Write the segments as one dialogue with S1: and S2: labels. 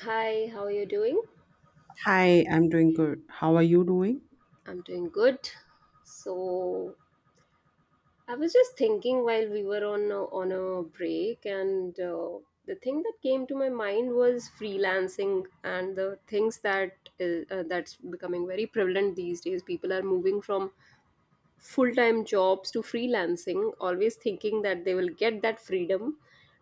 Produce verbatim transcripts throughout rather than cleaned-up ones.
S1: Hi, how are you doing?
S2: Hi, I'm doing good. How are you doing?
S1: I'm doing good. So I was just thinking while we were on a, on a break, and uh, the thing that came to my mind was freelancing and the things that is, uh, that's becoming very prevalent these days. People are moving from full-time jobs to freelancing, always thinking that they will get that freedom,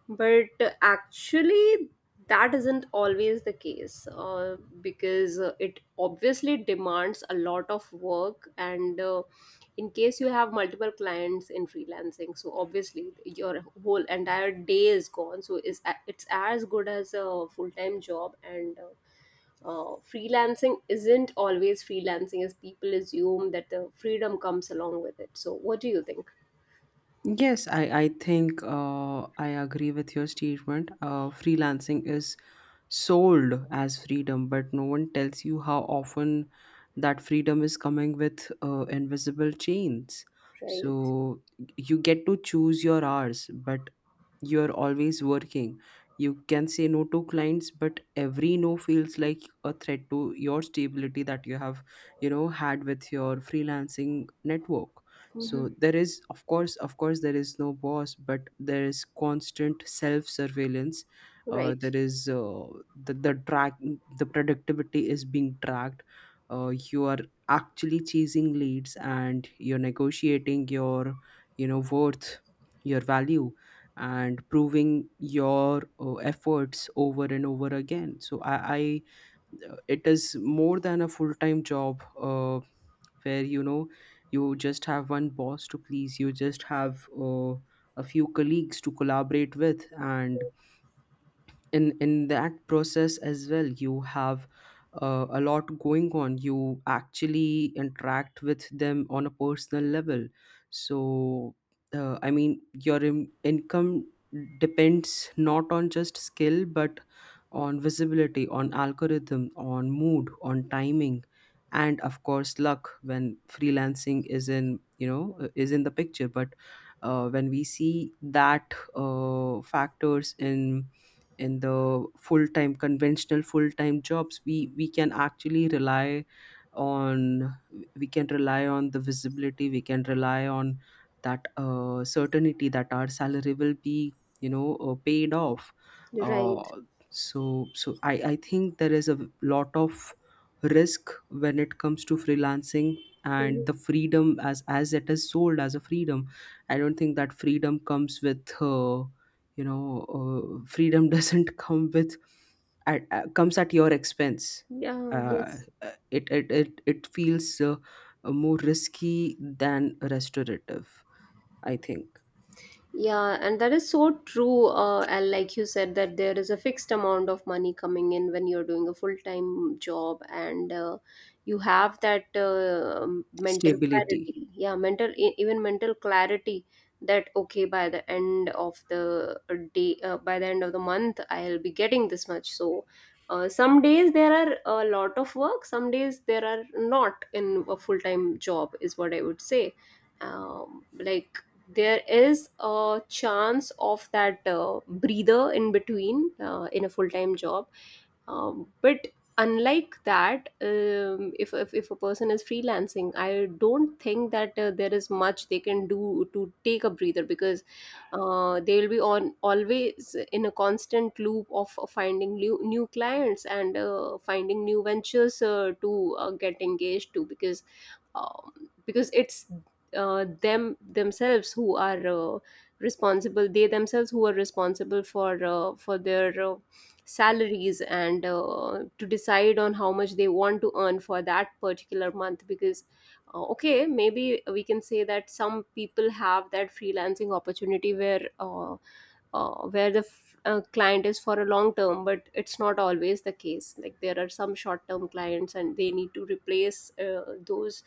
S1: but uh, actually that isn't always the case. Uh, because uh, it obviously demands a lot of work, and uh, in case you have multiple clients in freelancing, so obviously your whole entire day is gone, so is it's it's as good as a full-time job. And uh, uh, freelancing isn't always freelancing as people assume that the freedom comes along with it. So, what do you think?
S2: Yes, I, I think uh, I agree with your statement. Uh, freelancing is sold as freedom, but no one tells you how often that freedom is coming with uh, invisible chains.
S1: Right.
S2: So you get to choose your hours, but you're always working. You can say no to clients, but every no feels like a threat to your stability that you have, you know, had with your freelancing network.
S1: Hmm.
S2: So there is, of course, of course, there is no boss, but there is constant self-surveillance. Uh,
S1: Right.
S2: there is uh, the the track the productivity is being tracked. Uh, you are actually chasing leads, and you're negotiating your, you know, worth, your value and proving your uh, efforts over and over again, so i, I uh, it is more than a full-time job, uh, where you know you just have one boss to please. You just have uh, a few colleagues to collaborate with, and in in that process as well you have uh, a lot going on. You actually interact with them on a personal level. So uh, i mean your in- income depends not on just skill, but on visibility, on algorithm, on mood, on timing, and of course luck, when freelancing is in, you know, uh, is in the picture. But uh, when we see that, uh, factors in in the full-time, conventional full-time jobs, we we can actually rely on. We can rely on the visibility, we can rely on that uh, certainty that our salary will be, you know, uh, paid off.
S1: Right.
S2: Uh, so so i i think there is a lot of risk when it comes to freelancing,
S1: Hmm.
S2: and the freedom, as as it is sold as a freedom, I don't think that freedom comes with uh, you know, uh, freedom doesn't come with at, uh, comes at your expense.
S1: Yeah.
S2: uh,
S1: Yes.
S2: uh, it, it it it feels uh, uh, more risky than restorative, I think.
S1: Yeah, and that is so true. Uh, and like you said, that there is a fixed amount of money coming in when you're doing a full-time job, and uh, you have that uh, um, mental
S2: Stability.
S1: clarity. Yeah, mental e- even mental clarity that okay, by the end of the day, uh, by the end of the month, I'll be getting this much. So, uh, some days there are a lot of work, some days there are not, in a full-time job, is what I would say. Um, like, there is a chance of that uh, breather in between, uh, in a full-time job. Um, but unlike that, um, if, if if a person is freelancing, I don't think that uh, there is much they can do to take a breather, because uh, they will be on always in a constant loop of uh, finding new new clients and uh, finding new ventures uh, to uh, get engaged to, because um, because it's uh, them themselves who are uh, responsible, they themselves who are responsible for uh, for their uh, salaries, and uh, to decide on how much they want to earn for that particular month. Because uh, okay, maybe we can say that some people have that freelancing opportunity where uh, uh, where the f- uh, client is for a long term, but it's not always the case. Like there are some short term clients and they need to replace uh, those,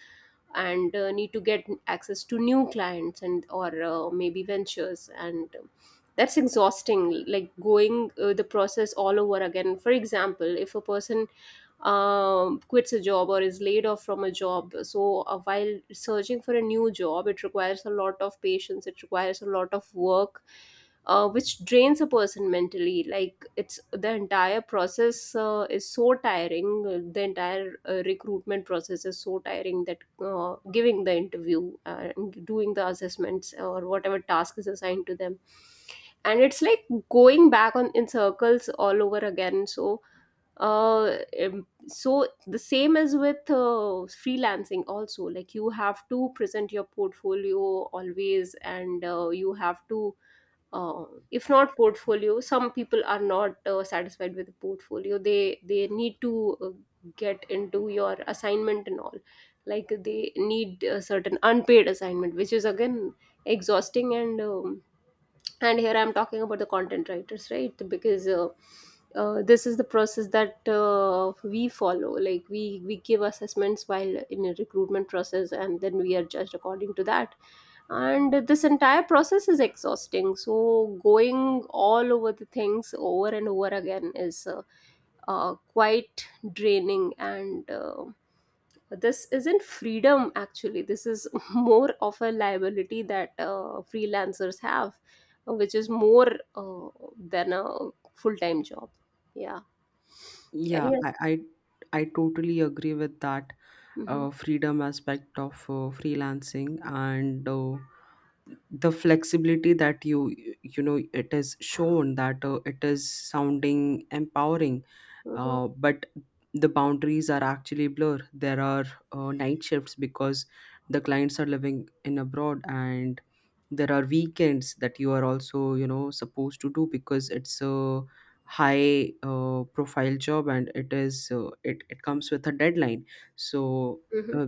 S1: and uh, need to get access to new clients, and or uh, maybe ventures. And um, that's exhausting, like going uh, the process all over again. For example, if a person um, quits a job or is laid off from a job. So, uh, while searching for a new job, it requires a lot of patience, it requires a lot of work, uh, which drains a person mentally. Like, it's the entire process uh, is so tiring, uh, the entire uh, recruitment process is so tiring, that uh, giving the interview uh, and doing the assessments or whatever task is assigned to them, and it's like going back on in circles all over again. So uh um, so the same is with uh, freelancing also. Like you have to present your portfolio always, and uh, you have to uh, if not portfolio, some people are not uh, satisfied with the portfolio, they they need to uh, get into your assignment and all, like they need a certain unpaid assignment, which is again exhausting. And um, and here I'm talking about the content writers, right? Because uh, uh, this is the process that uh, we follow. Like we we give assessments while in a recruitment process and then we are judged according to that, and this entire process is exhausting. So going all over the things over and over again is uh, uh, quite draining, and uh, this isn't freedom actually, this is more of a liability that uh, freelancers have, which is more uh, than a full-time job. Yeah.
S2: Yeah,
S1: Any.
S2: i i, I totally agree with that
S1: Mm-hmm.
S2: uh, freedom aspect of uh, freelancing, and uh, the flexibility that you you know, it is shown that uh, it is sounding empowering,
S1: Mm-hmm.
S2: uh, but the boundaries are actually blurred. There are uh, night shifts because the clients are living in abroad, and there are weekends that you are also, you know, supposed to do because it's a high, uh, profile job and it is, uh, it it comes with a deadline. So. Uh,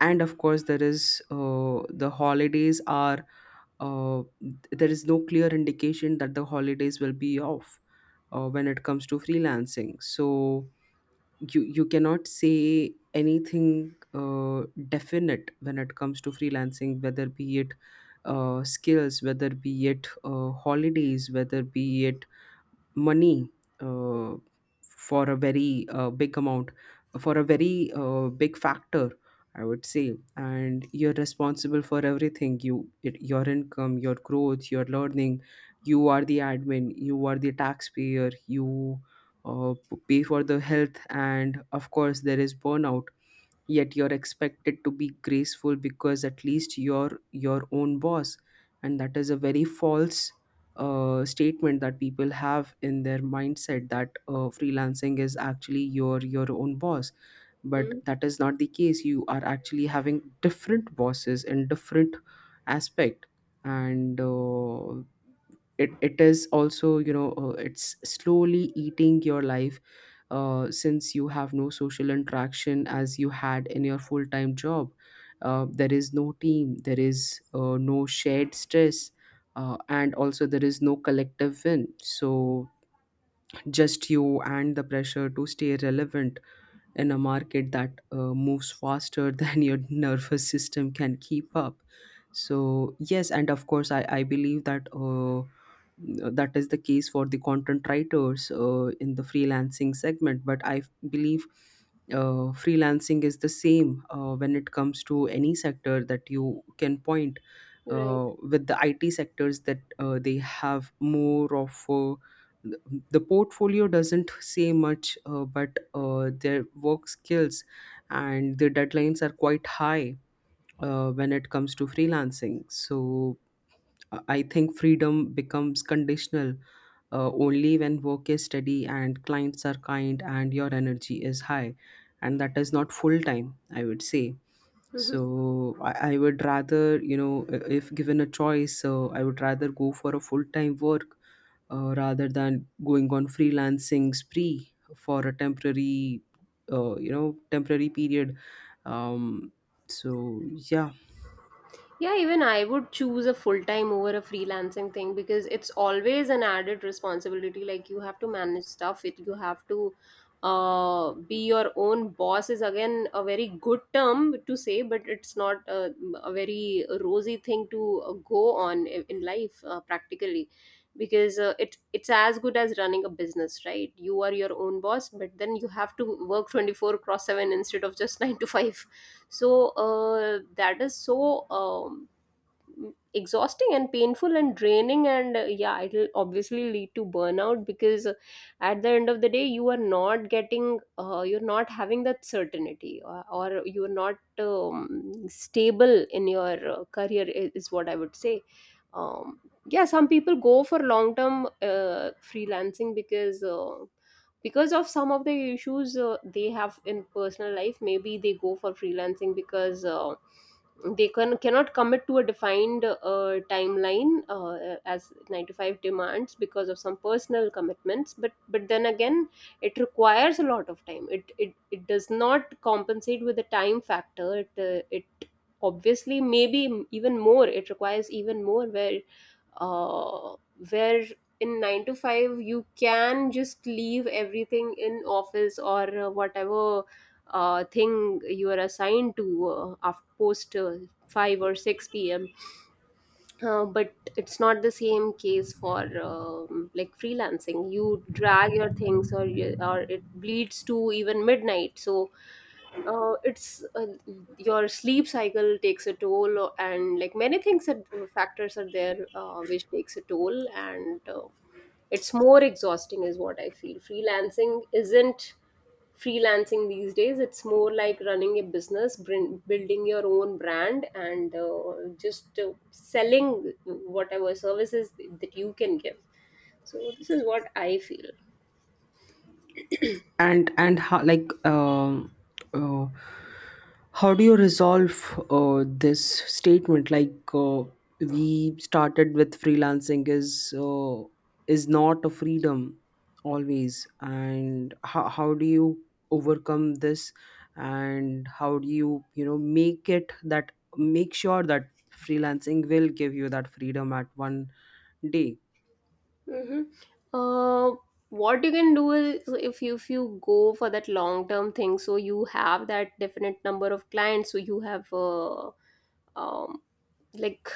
S2: and of course there is, uh, the holidays are, uh, there is no clear indication that the holidays will be off uh, when it comes to freelancing. So you you cannot say anything uh, definite when it comes to freelancing, whether be it uh, skills, whether be it uh, holidays, whether be it money uh, for a very uh, big amount, for a very uh, big factor, I would say. And you're responsible for everything. You, it, your income, your growth, your learning. You are the admin. You are the taxpayer. You uh, p- pay for the health, and of course, there is burnout, yet you're expected to be graceful because at least you're your own boss. And that is a very false uh, statement that people have in their mindset, that uh, freelancing is actually your your own boss. But
S1: Mm-hmm.
S2: that is not the case. You are actually having different bosses in different aspect. And uh, it it is also, you know, uh, it's slowly eating your life, uh, since you have no social interaction as you had in your full time job. Uh, there is no team, there is uh, no shared stress, uh, and also there is no collective win. So just you and the pressure to stay relevant in a market that uh, moves faster than your nervous system can keep up. So yes, and of course, i, I believe that uh, that is the case for the content writers uh, in the freelancing segment, but I believe uh, freelancing is the same uh, when it comes to any sector that you can point,
S1: Right.
S2: uh, with the I T sectors, that uh, they have more of uh, the the portfolio doesn't say much, uh, but uh, their work skills and their deadlines are quite high uh, when it comes to freelancing. So uh, I think freedom becomes conditional uh, only when work is steady and clients are kind and your energy is high. And that is not full time, I would say.
S1: Mm-hmm.
S2: So I, I would rather, you know, i- if given a choice, so I would rather go for a full time work uh, rather than going on freelancing spree for a temporary, uh, you know, temporary period. Um, so yeah,
S1: Yeah, even I would choose a full time over a freelancing thing, because it's always an added responsibility. Like you have to manage stuff, it you have to uh, be your own boss is again a very good term to say, but it's not a, a very rosy thing to uh, go on i- in life, uh, practically, because uh, it it's as good as running a business, right? You are your own boss, but then you have to work twenty four cross seven instead of just nine to five. So uh, that is so um, exhausting and painful and draining, and uh, yeah, it'll obviously lead to burnout, because uh, at the end of the day you are not getting uh, you're not having that certainty, or, or you're not um, stable in your uh, career, i- is what I would say. um, yeah, some people go for long term uh, freelancing, because uh, because of some of the issues uh, they have in personal life. Maybe they go for freelancing because uh, they can cannot commit to a defined uh, timeline, uh, as nine to five demands, because of some personal commitments. But but then again, it requires a lot of time, it it, it does not compensate with the time factor. It uh, it obviously, maybe even more, it requires even more, where uh, where in nine to five you can just leave everything in office, or uh, whatever uh, thing you are assigned to, uh, after post uh, five or six p m. Uh, but it's not the same case for um, like freelancing. You drag your things, or you, or it bleeds to even midnight. So uh, it's uh, your sleep cycle takes a toll, and like many things, that uh, factors are there uh, which takes a toll. And uh, it's more exhausting, is what I feel. Freelancing isn't freelancing these days, it's more like running a business, brin- building your own brand and uh, just uh, selling whatever services that you can give. So this is what I feel.
S2: and and how, like, um uh, how do you resolve uh, this statement, like, uh, we started with freelancing is uh, is not a freedom always. And how, how do you overcome this? And how do you, you know, make it that, make sure that freelancing will give you that freedom at one day?
S1: uh, what you can do is, if you, if you go for that long term thing, so you have that definite number of clients, so you have uh, um, like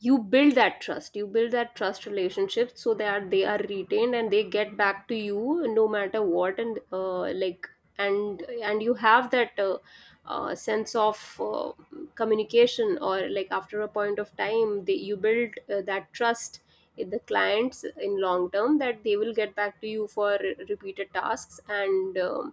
S1: you build that trust, you build that trust relationship so that they are retained and they get back to you no matter what. And uh, like and and you have that uh, uh, sense of uh, communication, or like after a point of time, they, you build uh, that trust, the clients in long term, that they will get back to you for re- repeated tasks. And um,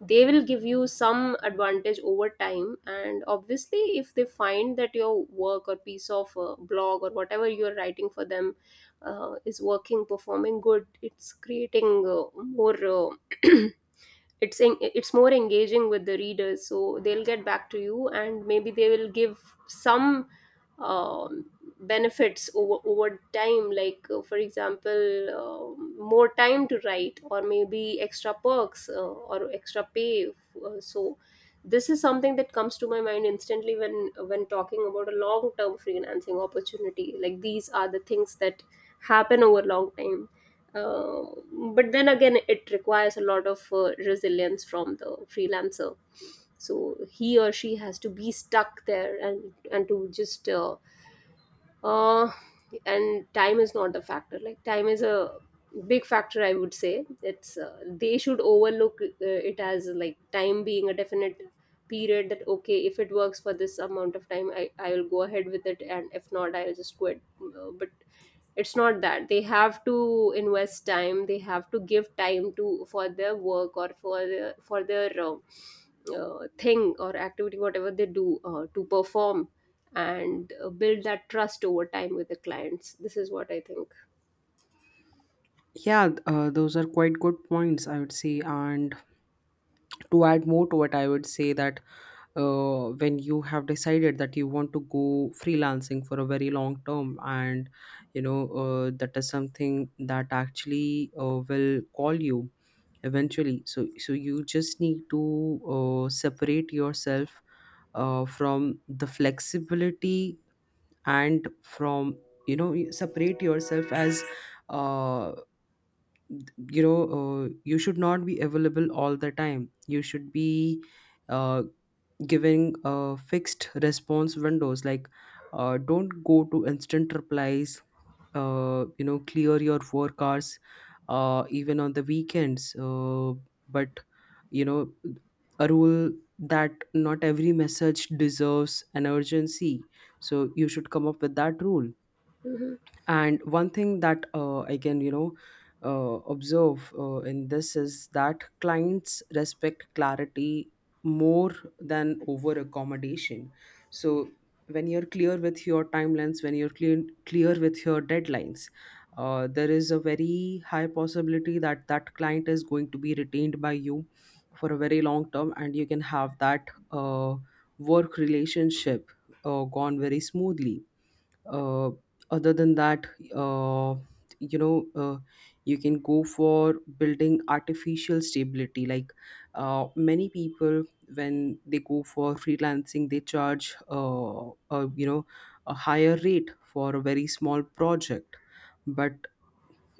S1: they will give you some advantage over time. And obviously, if they find that your work or piece of uh, blog or whatever you're writing for them uh, is working, performing good, it's creating uh, more uh, it's en- it's more engaging with the readers, so they'll get back to you, and maybe they will give some um, benefits over, over time. Like uh, for example, um more time to write, or maybe extra perks uh, or extra pay. Uh, so this is something that comes to my mind instantly when when talking about a long term freelancing opportunity. Like these are the things that happen over long time. Um but then again, it requires a lot of uh, resilience from the freelancer, so he or she has to be stuck there, and and to just uh, uh, and time is not a factor, like time is a big factor, I would say. It's uh, they should overlook uh, it as like time being a definite period, that okay, if it works for this amount of time, i i will go ahead with it, and if not, I'll just quit. Uh, but it's not that they have to invest time, they have to give time to for their work, or for their for their uh, uh, thing or activity, whatever they do uh, to perform, and uh, build that trust over time with the clients. This is what I think.
S2: Yeah, uh, those are quite good points, I would say. And to add more to it, I would say that uh, when you have decided that you want to go freelancing for a very long term, and you know, uh, that is something that actually uh, will call you eventually. So so you just need to uh, separate yourself uh, from the flexibility and from, you know, you separate yourself as uh, you know, uh, you should not be available all the time. You should be uh, giving uh, fixed response windows, like uh, don't go to instant replies. Uh, you know, clear your work hours uh, even on the weekends, uh, but, you know, a rule that not every message deserves an urgency. So you should come up with that rule.
S1: hmm
S2: And one thing that uh, I can, you know, uh, observe uh, in this is that clients respect clarity more than over accommodation. So when you're clear with your timelines, when you're clear clear with your deadlines, uh, there is a very high possibility that that client is going to be retained by you for a very long term, and you can have that uh, work relationship uh, gone very smoothly. uh, Other than that, uh, you know, uh, you can go for building artificial stability, like uh, many people, when they go for freelancing, they charge uh, uh, you know, a higher rate for a very small project. But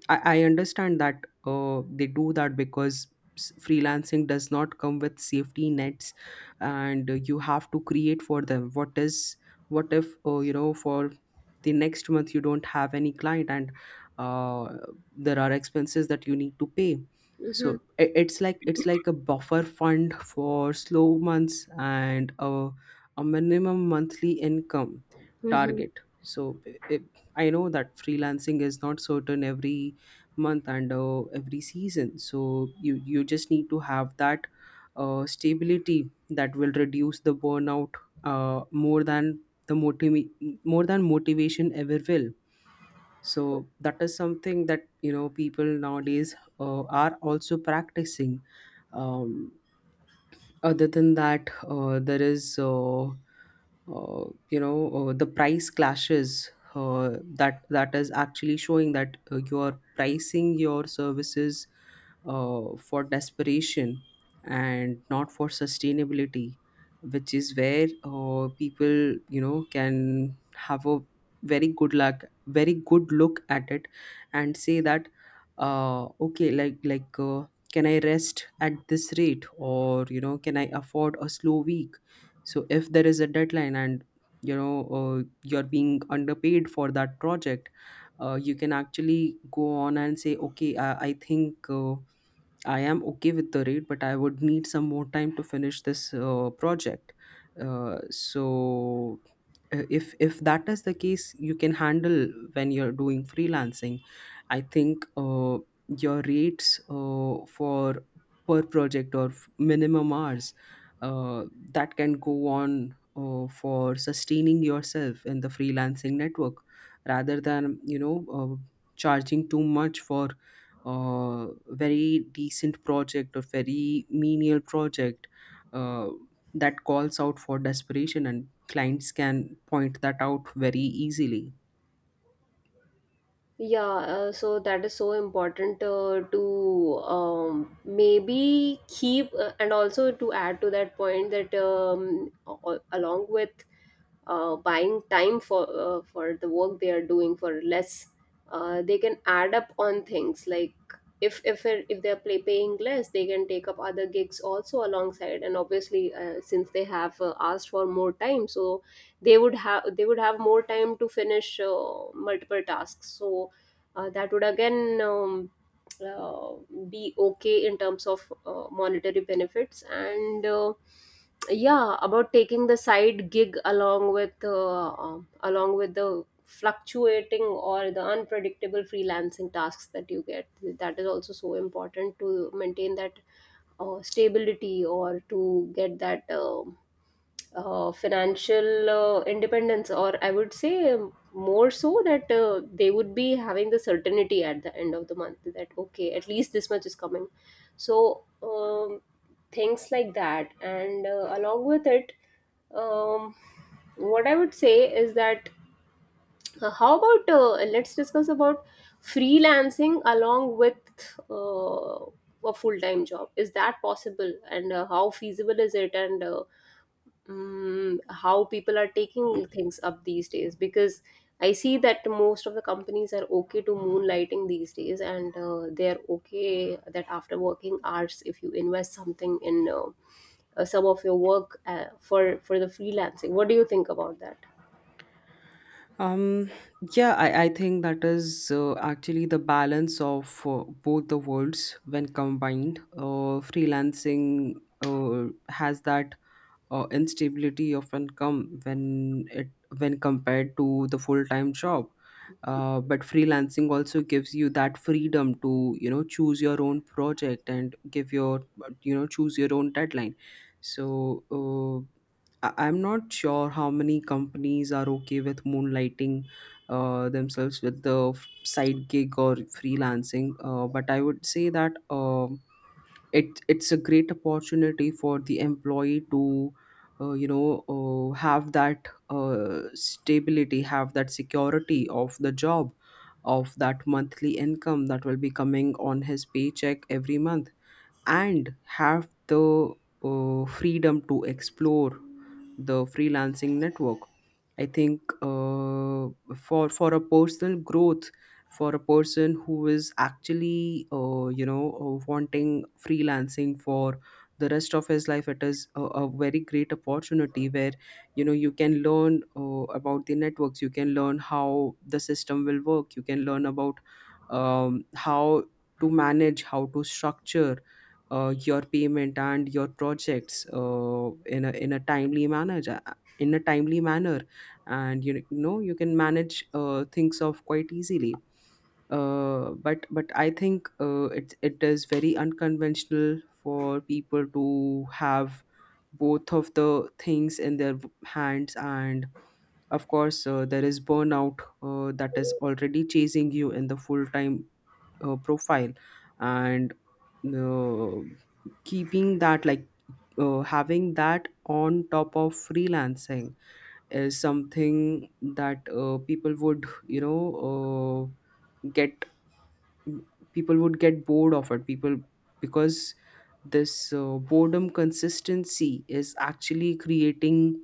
S2: I, I understand that uh, they do that because s- freelancing does not come with safety nets, and uh, you have to create for them. What is, what if uh, you know, for the next month you don't have any client, and uh, there are expenses that you need to pay.
S1: hmm
S2: So i- it's like it's like a buffer fund for slow months, and a, a minimum monthly income
S1: hmm
S2: target. So i i I know that freelancing is not certain every month and uh, every season. So you you just need to have that uh, stability that will reduce the burnout uh, more than the motiv- more than motivation ever will. So that is something that, you know, people nowadays uh, are also practicing. um, Other than that, uh, there is, uh, uh, you know, uh, the price clashes. Uh, that that is actually showing that uh, you are pricing your services uh, for desperation and not for sustainability, which is where uh, people, you know, can have a very good luck, very good look at it, and say that uh, okay, like like uh, can I rest at this rate, or, you know, can I afford a slow week? So if there is a deadline, and, you know, uh, you're being underpaid for that project, uh, you can actually go on and say, okay, i, I think uh, I am okay with the rate, but I would need some more time to finish this uh, project. Uh, so, uh, if if that is the case, you can handle when you're doing freelancing. I think uh, your rates uh, for per project or f- minimum hours uh, that can go on uh, for sustaining yourself in the freelancing network, rather than you know uh, charging too much for uh, very decent project or very menial project uh, that calls out for desperation, and clients can point that out very easily.
S1: Yeah, uh, so that is so important uh, to um, maybe keep, uh, and also to add to that point that um, a- along with uh, buying time for uh, for the work they are doing for less, uh, they can add up on things like if if it- if they're play, paying less, they can take up other gigs also alongside. And obviously, uh, since they have uh, asked for more time, so they would have, they would have more time to finish uh, multiple tasks. So uh, that would again, um, uh, be okay in terms of uh, monetary benefits. And uh, yeah, about taking the side gig along with, uh, um, along with the fluctuating or the unpredictable freelancing tasks that you get, that is also so important to maintain that uh, stability, or to get that um uh, financial uh, independence, or I would say, um, more so that uh, they would be having the certainty at the end of the month that okay, at least this much is coming. So um, things like that, and uh, along with it, um, what I would say is that uh, how about uh, let's discuss about freelancing along with uh, a full time job. Is that possible, and uh, how feasible is it, and uh, mm, how people are taking things up these days? Because I see that most of the companies are okay to moonlighting these days, and uh, they're okay that after working hours, if you invest something in uh, uh, some of your work uh, for for the freelancing, what do you think about that?
S2: Um yeah, i, I think that is uh, actually the balance of uh, both the worlds when combined. Uh, freelancing uh, has that uh, instability often come when it when compared to the full-time job. Uh, but freelancing also gives you that freedom to you know choose your own project and give your you know choose your own deadline. So uh, I- I'm not sure how many companies are okay with moonlighting uh, themselves with the f- side gig or freelancing, uh, but I would say that uh it it's a great opportunity for the employee to uh, you know uh, have that uh, stability, have that security of the job, of that monthly income that will be coming on his paycheck every month, and have the uh, freedom to explore the freelancing network. I think uh, for for a personal growth, for a person who is actually uh, you know uh, wanting freelancing for the rest of his life, it is a, a very great opportunity where you know you can learn uh, about the networks, you can learn how the system will work, you can learn about um, how to manage, how to structure uh, your payment and your projects uh, in a in a timely manner, ja, in a timely manner, and you know you can manage uh, things off quite easily. Uh, but but I think uh, it it is very unconventional for people to have both of the things in their v- hands. And of course uh, there is burnout uh, that is already chasing you in the full time uh, profile, and uh, keeping that, like, uh, having that on top of freelancing is something that uh, people would you know uh, get people would get bored of it, people, because this uh, boredom consistency is actually creating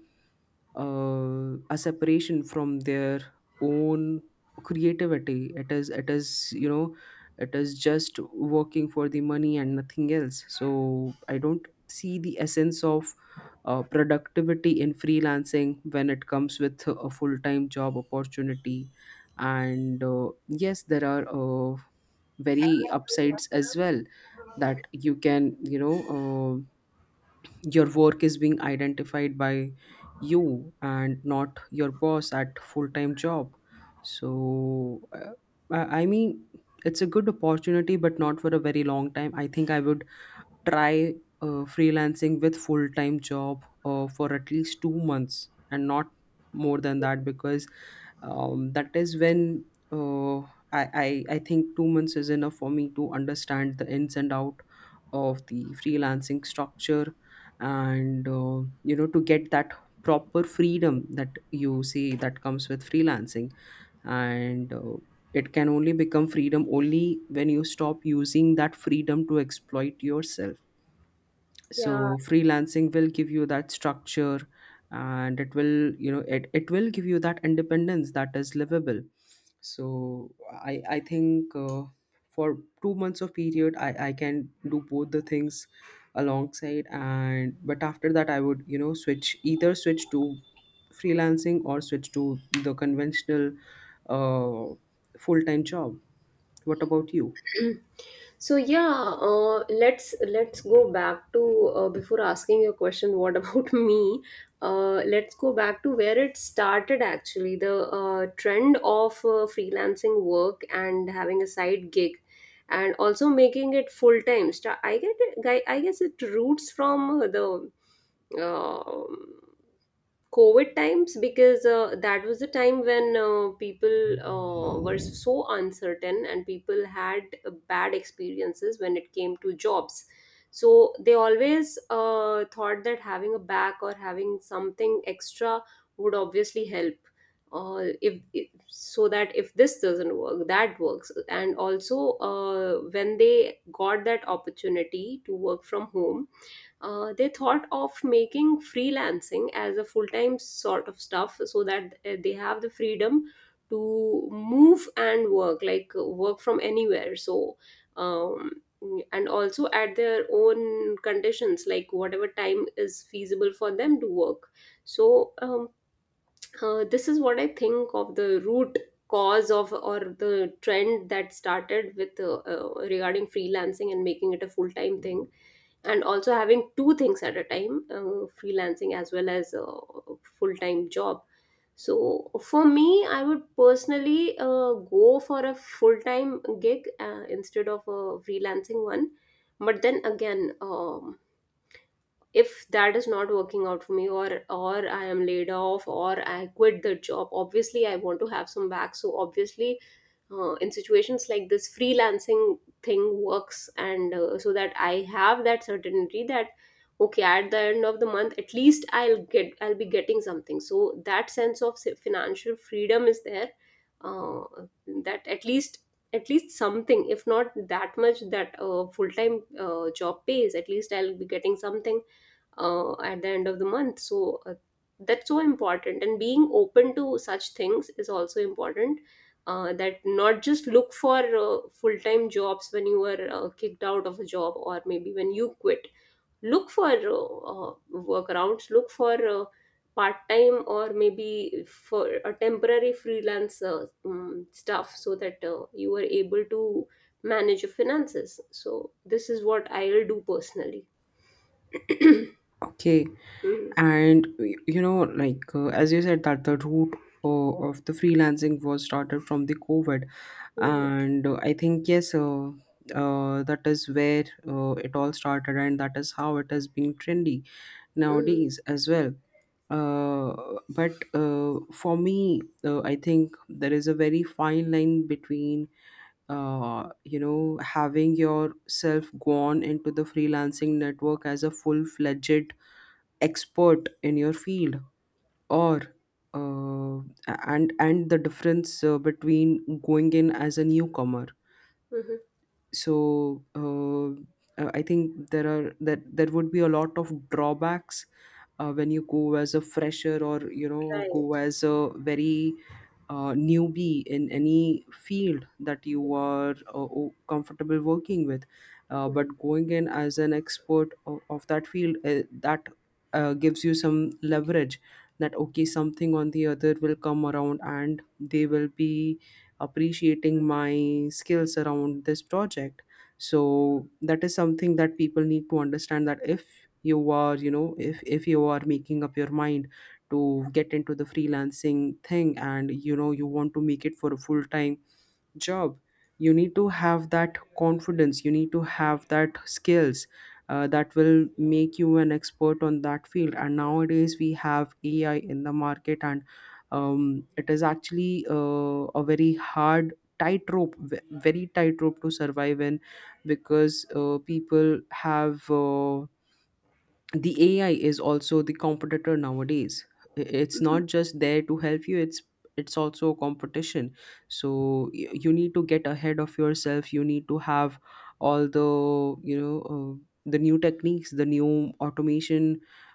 S2: uh, a separation from their own creativity. It is it is you know it is just working for the money and nothing else. So I don't see the essence of uh, productivity in freelancing when it comes with a full-time job opportunity. And uh, yes, there are uh, very upsides as well, that you can you know uh, your work is being identified by you and not your boss at full-time job. So uh, i I mean it's a good opportunity, but not for a very long time. I think I would try uh, freelancing with full time job uh, for at least two months and not more than that, because um, that is when uh, I, I I think two months is enough for me to understand the ins and out of the freelancing structure. And uh, you know to get that proper freedom that you see that comes with freelancing. And uh, it can only become freedom only when you stop using that freedom to exploit yourself.
S1: Yeah,
S2: So freelancing will give you that structure, and it will you know it, it will give you that independence that is livable. So i i think uh, for two months of period i i can do both the things alongside, and but after that I would you know switch either switch to freelancing or switch to the conventional uh, full-time job. What about you?
S1: So yeah, uh, let's let's go back to, uh, before asking your question. What about me? Uh, let's go back to where it started. Actually, the uh, trend of uh, freelancing work and having a side gig, and also making it full time. Sta- I get it, I I guess it roots from the. um COVID times, because uh, that was the time when uh, people uh, were so uncertain, and people had uh, bad experiences when it came to jobs. So they always uh, thought that having a back or having something extra would obviously help. Uh, if, if so, that if this doesn't work, that works. And also, uh, when they got that opportunity to work from home, uh, they thought of making freelancing as a full-time sort of stuff, so that uh, they have the freedom to move and work, like uh, work from anywhere. So, um, and also at their own conditions, like whatever time is feasible for them to work. So um, uh, this is what I think of the root cause of, or the trend that started with, uh, uh, regarding freelancing and making it a full-time thing, and also having two things at a time, uh, freelancing as well as a full time job. So for me, I would personally uh, go for a full time gig uh, instead of a freelancing one. But then again, um, if that is not working out for me, or or I am laid off or I quit the job, obviously I want to have some back. So obviously, uh, in situations like this, freelancing thing works, and uh, so that I have that certainty that okay, at the end of the month at least i'll get I'll be getting something. So that sense of sa- financial freedom is there, uh, that at least, at least something, if not that much that a full-time uh, job pays, at least I'll be getting something uh, at the end of the month. So uh, that's so important, and being open to such things is also important, uh, that not just look for uh, full-time jobs when you were uh, kicked out of a job, or maybe when you quit, look for uh, uh, workarounds, look for uh, part-time or maybe for a temporary freelance, uh, um, stuff, so that uh, you are able to manage your finances. So this is what I'll do personally. Mhm.
S2: Okay. And y- you know like, uh, as you said that the root uh, of the freelancing was started from the COVID.
S1: Mhm.
S2: And uh, I think, yes, uh, uh, that is where uh, it all started, and that is how it has been trendy
S1: Mhm.
S2: nowadays as well. Uh, but uh, for me, uh, I think there is a very fine line between uh, you know having yourself gone into the freelancing network as a full-fledged expert in your field, or uh, and and the difference uh, between going in as a newcomer.
S1: Mhm.
S2: So uh, uh, I think there are that there would be a lot of drawbacks uh, when you go as a fresher, or you know go
S1: Right.
S2: as a very uh, newbie in any field that you are uh, o- comfortable working with. uh,
S1: Mhm.
S2: but going in as an expert of, of that field, uh, that uh, gives you some leverage, that okay, something on the other will come around and they will be appreciating my skills around this project. So that is something that people need to understand, that if you are you know if if you are making up your mind to get into the freelancing thing, and you know you want to make it for a full time job. You need to have that confidence, you need to have that skills uh, that will make you an expert on that field. And nowadays we have AI in the market, and um, it is actually uh, a very hard tightrope, ve- very tightrope to survive in. Because uh, people have uh, the A I is also the competitor nowadays. I- It's
S1: Mhm.
S2: not just there to help you, it's it's also a competition. So y- you need to get ahead of yourself. You need to have all the you know uh, the new techniques, the new automation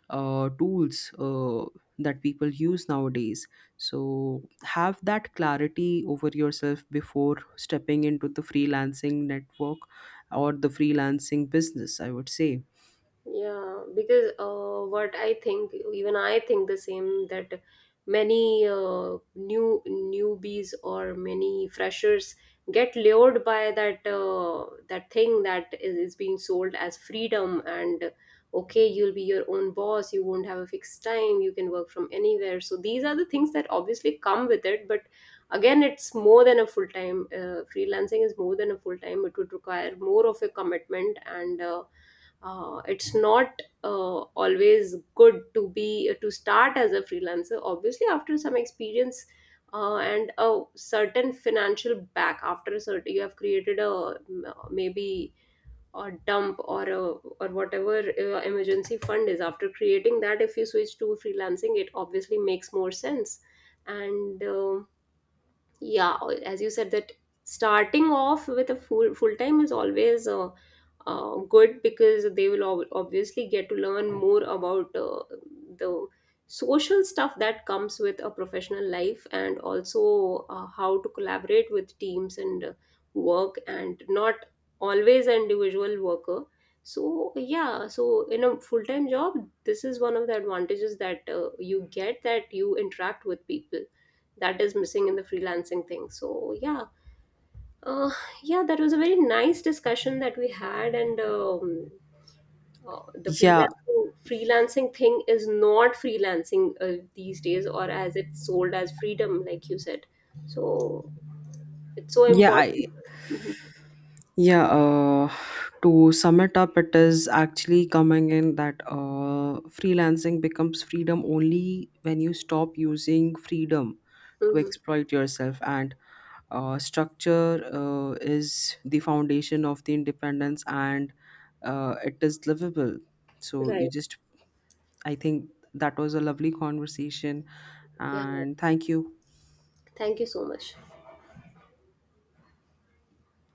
S2: uh, tools uh, that people use nowadays. So have that clarity over yourself before stepping into the freelancing network or the freelancing business, I would say.
S1: Yeah, because uh, what I think, even I think the same, that many uh, new newbies or many freshers get lured by that, uh, that thing that is, is being sold as freedom, and okay, you'll be your own boss, you won't have a fixed time, you can work from anywhere. So these are the things that obviously come with it, but again, it's more than a full time. Uh, freelancing is more than a full time. It would require more of a commitment, and uh, uh, it's not uh, always good to be uh, to start as a freelancer, obviously after some experience uh, and a certain financial back, after a certain you have created a maybe a dump, or a, or whatever uh, emergency fund is, after creating that, if you switch to freelancing it obviously makes more sense. And um yeah or- as you said, that starting off with a full full time is always, uh, uh, good, because they will ob- obviously get to learn more about uh, the social stuff that comes with a professional life, and also uh, how to collaborate with teams and uh, work and not always an individual worker. So yeah, so in a full time job, this is one of the advantages that uh, you get, that you interact with people, that is missing in the freelancing thing. So yeah, uh, yeah, that was a very nice discussion that we had. And um, uh, the
S2: Yeah.
S1: freelancing freelancing thing is not freelancing uh, these days, or as it's sold as freedom, like you said. So it's so
S2: Yeah,
S1: important.
S2: I,
S1: Mhm.
S2: yeah. Uh, to sum it up, it is actually coming in that uh, freelancing becomes freedom only when you stop using freedom to
S1: Mhm.
S2: exploit yourself. And uh, structure uh, is the foundation of the independence, and uh, it is livable. So you
S1: Right.
S2: just, I think that was a lovely conversation,
S1: Yeah,
S2: and thank you.
S1: thank you so much.